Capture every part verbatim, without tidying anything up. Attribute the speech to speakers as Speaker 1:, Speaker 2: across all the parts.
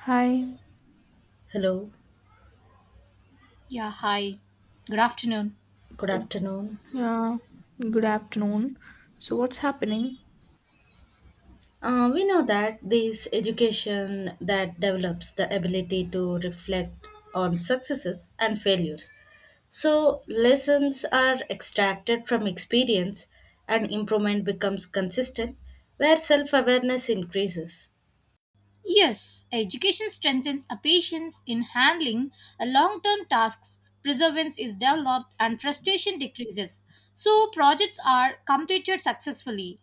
Speaker 1: Hi.
Speaker 2: Hello,
Speaker 3: Yeah, hi. Good afternoon.
Speaker 2: good
Speaker 1: So,
Speaker 2: afternoon.
Speaker 1: yeah, good afternoon. So, what's happening?
Speaker 2: Uh, we know that this education that develops the ability to reflect on successes and failures. So lessons are extracted from experience and improvement becomes consistent where self-awareness increases
Speaker 3: Yes, education strengthens a patience in handling a long-term tasks. Perseverance is developed and frustration decreases. So projects are completed successfully.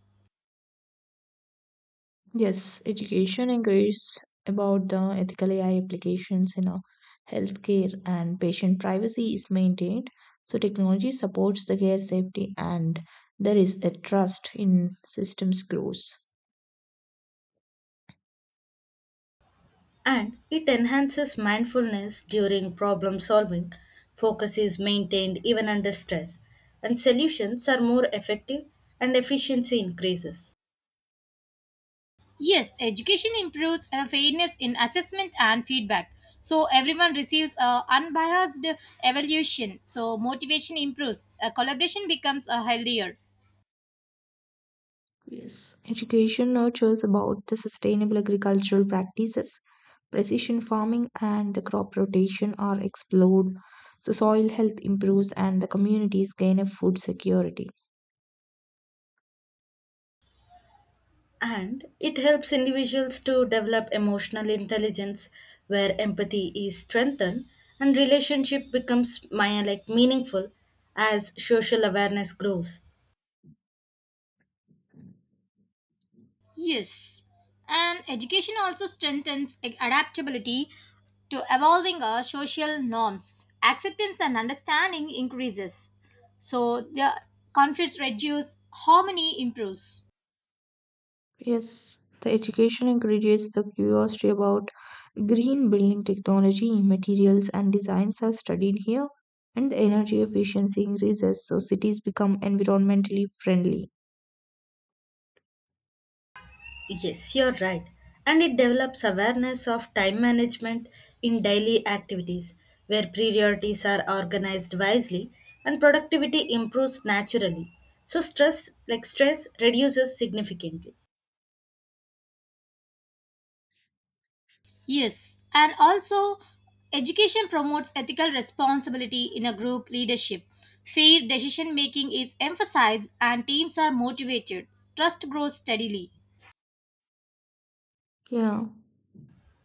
Speaker 1: Yes, education inquiries about the ethical A I applications in our healthcare, and patient privacy is maintained. So, technology supports the care safety, and there is a trust in systems growth.
Speaker 2: and it enhances mindfulness during problem solving. Focus is maintained even under stress and solutions are more effective and efficiency increases.
Speaker 3: Yes, education improves uh, fairness in assessment and feedback. So everyone receives a unbiased evaluation. So motivation improves. A collaboration becomes a healthier.
Speaker 1: Yes, education nurtures about the sustainable agricultural practices. Precision farming and the crop rotation are explored. So soil health improves and the communities gain a food security.
Speaker 2: And it helps individuals to develop emotional intelligence where empathy is strengthened and relationship becomes my, like meaningful as social awareness grows.
Speaker 3: Yes. And education also strengthens adaptability to evolving our social norms. Acceptance and understanding increases. So the conflicts reduce, harmony improves.
Speaker 1: Yes, the education encourages the curiosity about green building technology, materials, and designs are studied here, and the energy efficiency increases, so cities become environmentally friendly.
Speaker 2: Yes, you're right. And it develops awareness of time management in daily activities where priorities are organized wisely and productivity improves naturally. So stress like stress reduces significantly.
Speaker 3: Yes, and also education promotes ethical responsibility in a group leadership. Fair decision making is emphasized and teams are motivated. Trust grows steadily.
Speaker 1: Yeah,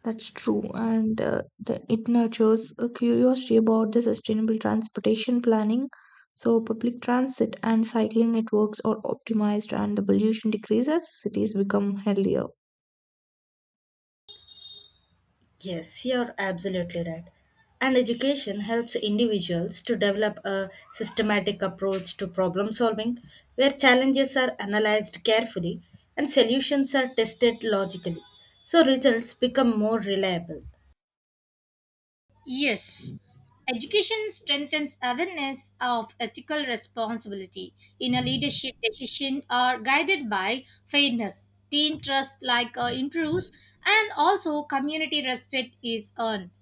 Speaker 1: that's true, and uh, the, it nurtures a curiosity about the sustainable transportation planning. So, public transit and cycling networks are optimized, and the pollution decreases, cities become healthier.
Speaker 2: Yes, you're absolutely right. And education helps individuals to develop a systematic approach to problem solving where challenges are analyzed carefully and solutions are tested logically. So results become more reliable
Speaker 3: Yes, education strengthens awareness of ethical responsibility in a leadership decision are guided by fairness. Team trust like uh, improves and also community respect is earned.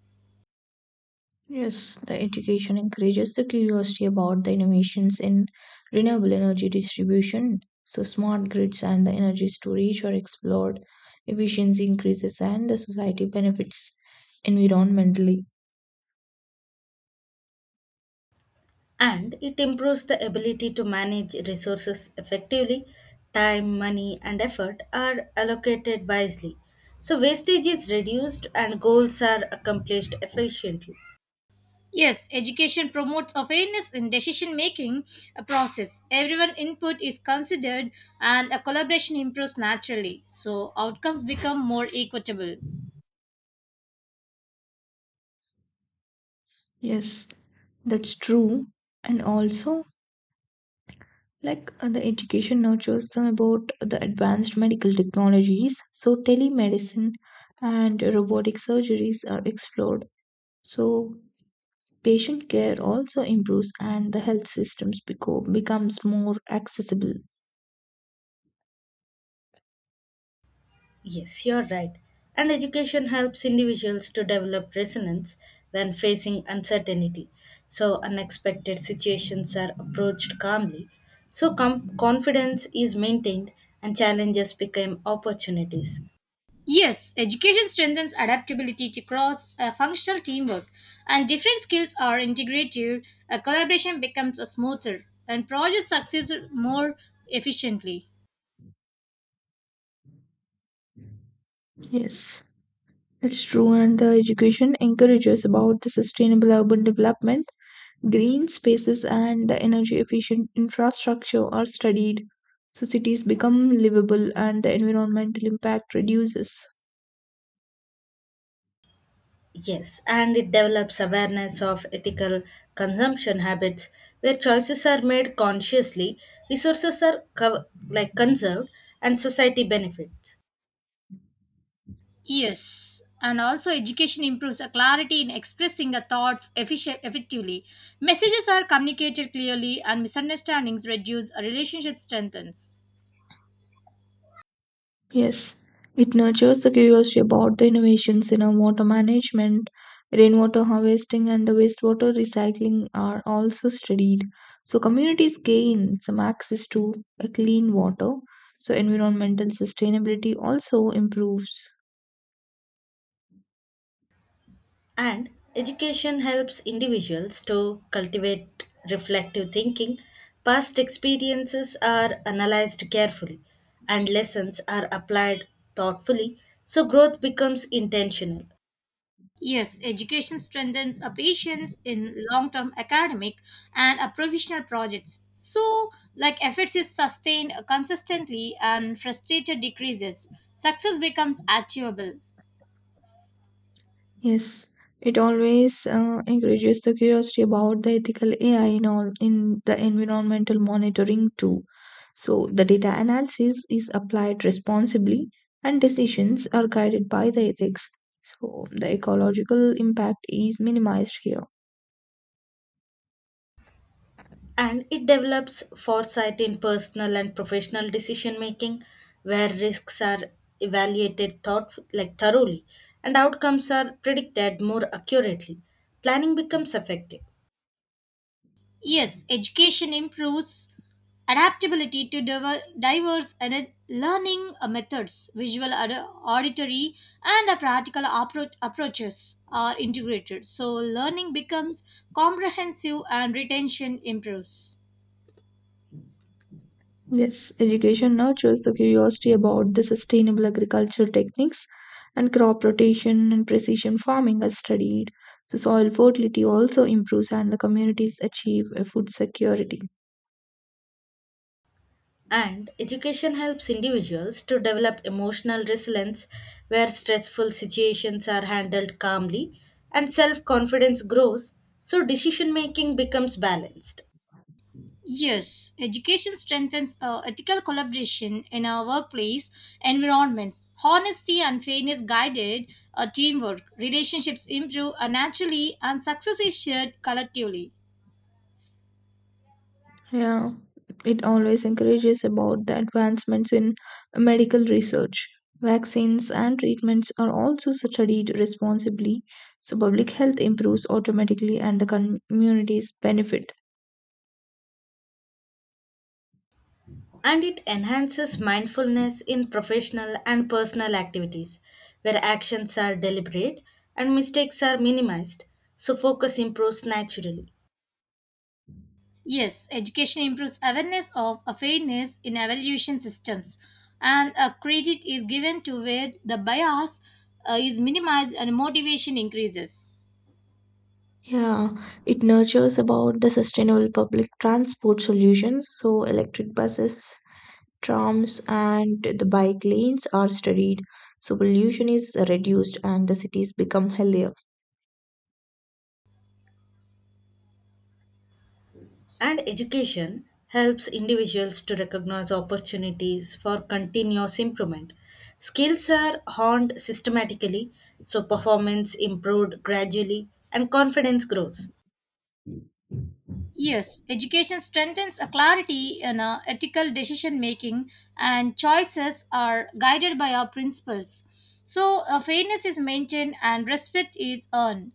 Speaker 1: Yes, the education encourages the curiosity about the innovations in renewable energy distribution. So, smart grids and the energy storage are explored. Efficiency increases and the society benefits environmentally.
Speaker 2: and it improves the ability to manage resources effectively. Time, money, and effort are allocated wisely. So wastage is reduced and goals are accomplished efficiently.
Speaker 3: Yes, education promotes a fairness in decision making process. Everyone input is considered and a collaboration improves naturally. So outcomes become more equitable.
Speaker 1: Yes, that's true. And also, like uh, the education nurtures them about the advanced medical technologies. So, telemedicine and robotic surgeries are explored. So, patient care also improves and the health systems beco- becomes more accessible.
Speaker 2: Yes, you're right. And education helps individuals to develop resilience when facing uncertainty. So, unexpected situations are approached calmly. So, com- confidence is maintained and challenges become opportunities.
Speaker 3: Yes, education strengthens adaptability to cross uh, functional teamwork, and different skills are integrated. A collaboration becomes a smoother, and projects succeed more efficiently.
Speaker 1: Yes, that's true. And the education encourages about the sustainable urban development. Green spaces and the energy efficient infrastructure are studied. So cities become livable and the environmental impact reduces.
Speaker 2: Yes, and it develops awareness of ethical consumption habits where choices are made consciously, resources are co- like conserved, and society benefits.
Speaker 3: Yes, and also education improves a clarity in expressing the thoughts efficient, effectively. Messages are communicated clearly, and misunderstandings reduce. A relationship strengthens.
Speaker 1: Yes, it nurtures the curiosity about the innovations in our water management, rainwater harvesting, and the wastewater recycling are also studied. So, communities gain some access to a clean water. So, environmental sustainability also improves.
Speaker 2: And education helps individuals to cultivate reflective thinking. Past experiences are analyzed carefully, and lessons are applied thoughtfully, so growth becomes intentional.
Speaker 3: Yes, education strengthens a patience in long term academic and a provisional projects. So, like efforts is sustained consistently and frustration decreases, success becomes achievable.
Speaker 1: Yes, it always uh, encourages the curiosity about the ethical A I in all in the environmental monitoring too. So the data analysis is applied responsibly and decisions are guided by the ethics. So the ecological impact is minimized here.
Speaker 2: And it develops foresight in personal and professional decision making, where risks are evaluated thought like thoroughly and outcomes are predicted more accurately. Planning becomes effective.
Speaker 3: Yes, education improves adaptability to diver- diverse and learning uh, methods, visual, ad- auditory, and uh, practical appro- approaches are integrated. So, learning becomes comprehensive and retention improves.
Speaker 1: Yes, education nurtures the curiosity about the sustainable agriculture techniques and crop rotation and precision farming are studied. So soil fertility also improves and the communities achieve a food security.
Speaker 2: And education helps individuals to develop emotional resilience where stressful situations are handled calmly and self confidence grows, so decision making becomes balanced.
Speaker 3: Yes, education strengthens uh, ethical collaboration in our workplace environments. Honesty and fairness guided uh, teamwork. Relationships improve uh, naturally and success is shared collectively.
Speaker 1: Yeah, it always encourages about the advancements in medical research. Vaccines and treatments are also studied responsibly, so public health improves automatically and the communities benefit.
Speaker 2: And it enhances mindfulness in professional and personal activities where actions are deliberate and mistakes are minimized, so focus improves naturally.
Speaker 3: Yes, education improves awareness of uh, fairness in evaluation systems, and uh, credit is given to where the bias uh, is minimized and motivation increases.
Speaker 1: Yeah, it nurtures about the sustainable public transport solutions. So, electric buses, trams, and the bike lanes are studied. So, pollution is reduced and the cities become healthier.
Speaker 2: And education helps individuals to recognize opportunities for continuous improvement. Skills are honed systematically, so performance improved gradually and confidence grows.
Speaker 3: Yes, education strengthens a clarity in uh, ethical decision making, and choices are guided by our principles. So, uh, fairness is maintained and respect is earned.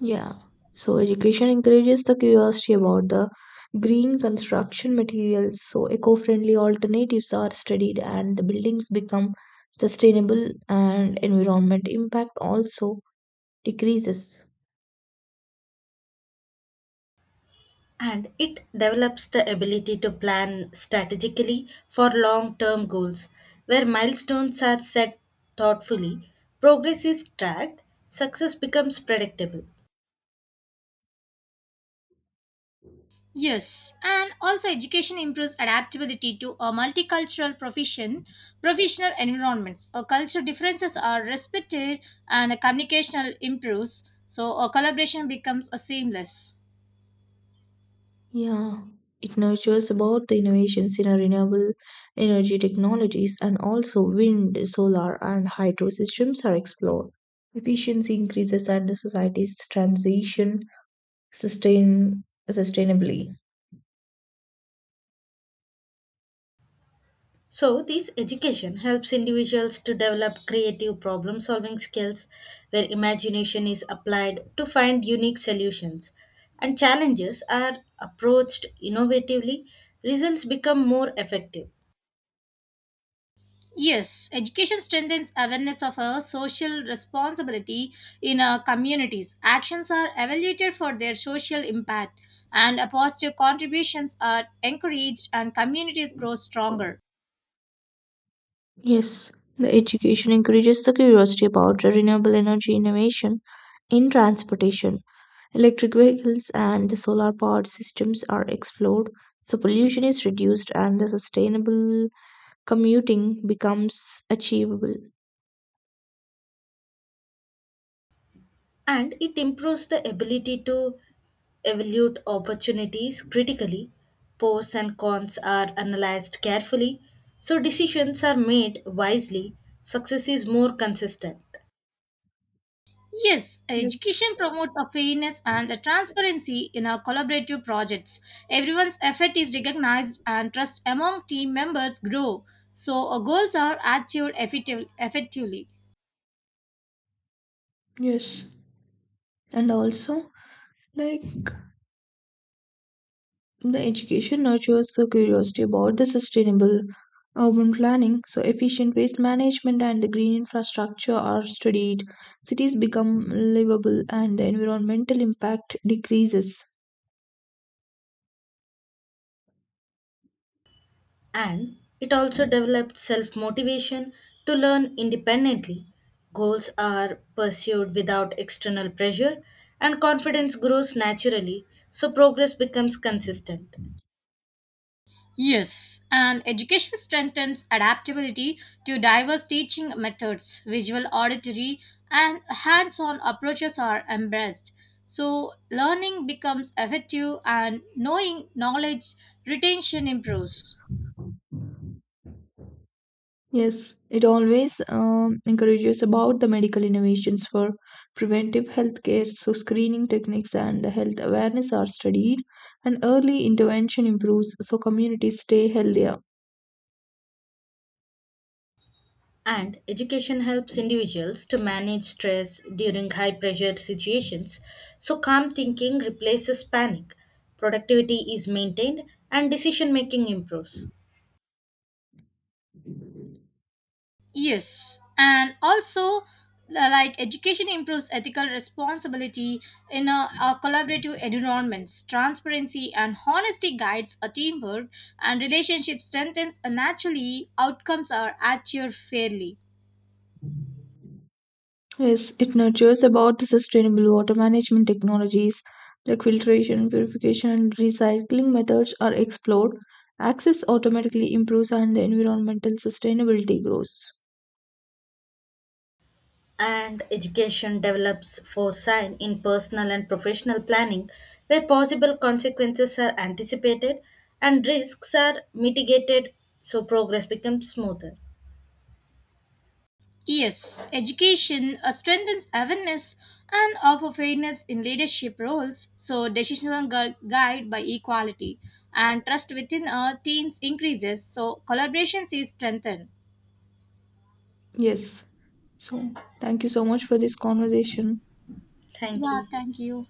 Speaker 1: Yeah. So, education encourages the curiosity about the green construction materials. So, eco friendly alternatives are studied and the buildings become sustainable, and environment impact also decreases.
Speaker 2: And it develops the ability to plan strategically for long term goals, where milestones are set thoughtfully, progress is tracked, success becomes predictable.
Speaker 3: Yes, and also education improves adaptability to a multicultural profession, professional environments. Uh, cultural differences are respected, and uh, communication improves. So, a collaboration becomes a seamless.
Speaker 1: Yeah, it nurtures about the innovations in our renewable energy technologies and also wind, solar, and hydro systems are explored. Efficiency increases and the society's transition sustain sustainably.
Speaker 2: So, this education helps individuals to develop creative problem solving skills where imagination is applied to find unique solutions, and challenges are approached innovatively, results become more effective,
Speaker 3: Yes, education strengthens awareness of our social responsibility in our communities. Actions are evaluated for their social impact, and uh, positive contributions are encouraged, and communities grow stronger.
Speaker 1: Yes, the education encourages the curiosity about the renewable energy innovation in transportation. Electric vehicles and the solar powered systems are explored, so pollution is reduced and the sustainable commuting becomes achievable.
Speaker 2: and it improves the ability to evaluate opportunities critically. Pros and cons are analyzed carefully, so decisions are made wisely, success is more consistent
Speaker 3: Yes,
Speaker 1: Yes,
Speaker 3: education promotes a fairness and a transparency in our collaborative projects. Everyone's effort is recognized, and trust among team members grow. So, our goals are achieved effective- effectively.
Speaker 1: yes. And also, like the education nurtures the curiosity about the sustainable urban planning, so efficient waste management and the green infrastructure are studied. Cities become livable and the environmental impact decreases.
Speaker 2: and it also developed self motivation to learn independently. Goals are pursued without external pressure, and confidence grows naturally, so progress becomes consistent.
Speaker 3: Yes, and education strengthens adaptability to diverse teaching methods. Visual, auditory, and hands on approaches are embraced. So, learning becomes effective and knowing knowledge retention improves.
Speaker 1: Yes, it always um, encourages about the medical innovations for preventive healthcare. So screening techniques and the health awareness are studied, and early intervention improves so communities stay healthier.
Speaker 2: And education helps individuals to manage stress during high pressure situations, so calm thinking replaces panic, productivity is maintained, and decision making improves.
Speaker 3: Yes, and also uh, like education improves ethical responsibility in a, a collaborative environments. Transparency and honesty guides a teamwork, and relationship strengthens. And naturally, outcomes are achieved fairly.
Speaker 1: Yes, it nurtures about the sustainable water management technologies like filtration, purification, and recycling methods are explored. Access automatically improves, and the environmental sustainability grows.
Speaker 2: And education develops foresight in personal and professional planning where possible consequences are anticipated and risks are mitigated so progress becomes smoother.
Speaker 3: Yes, education uh, strengthens awareness and of fairness in leadership roles. So decisions are gu- guided by equality, and trust within uh, teams increases. So collaboration is strengthened.
Speaker 1: Yes. So thank you so much for this conversation.
Speaker 2: Thank
Speaker 3: Yeah,
Speaker 2: you.
Speaker 3: thank you.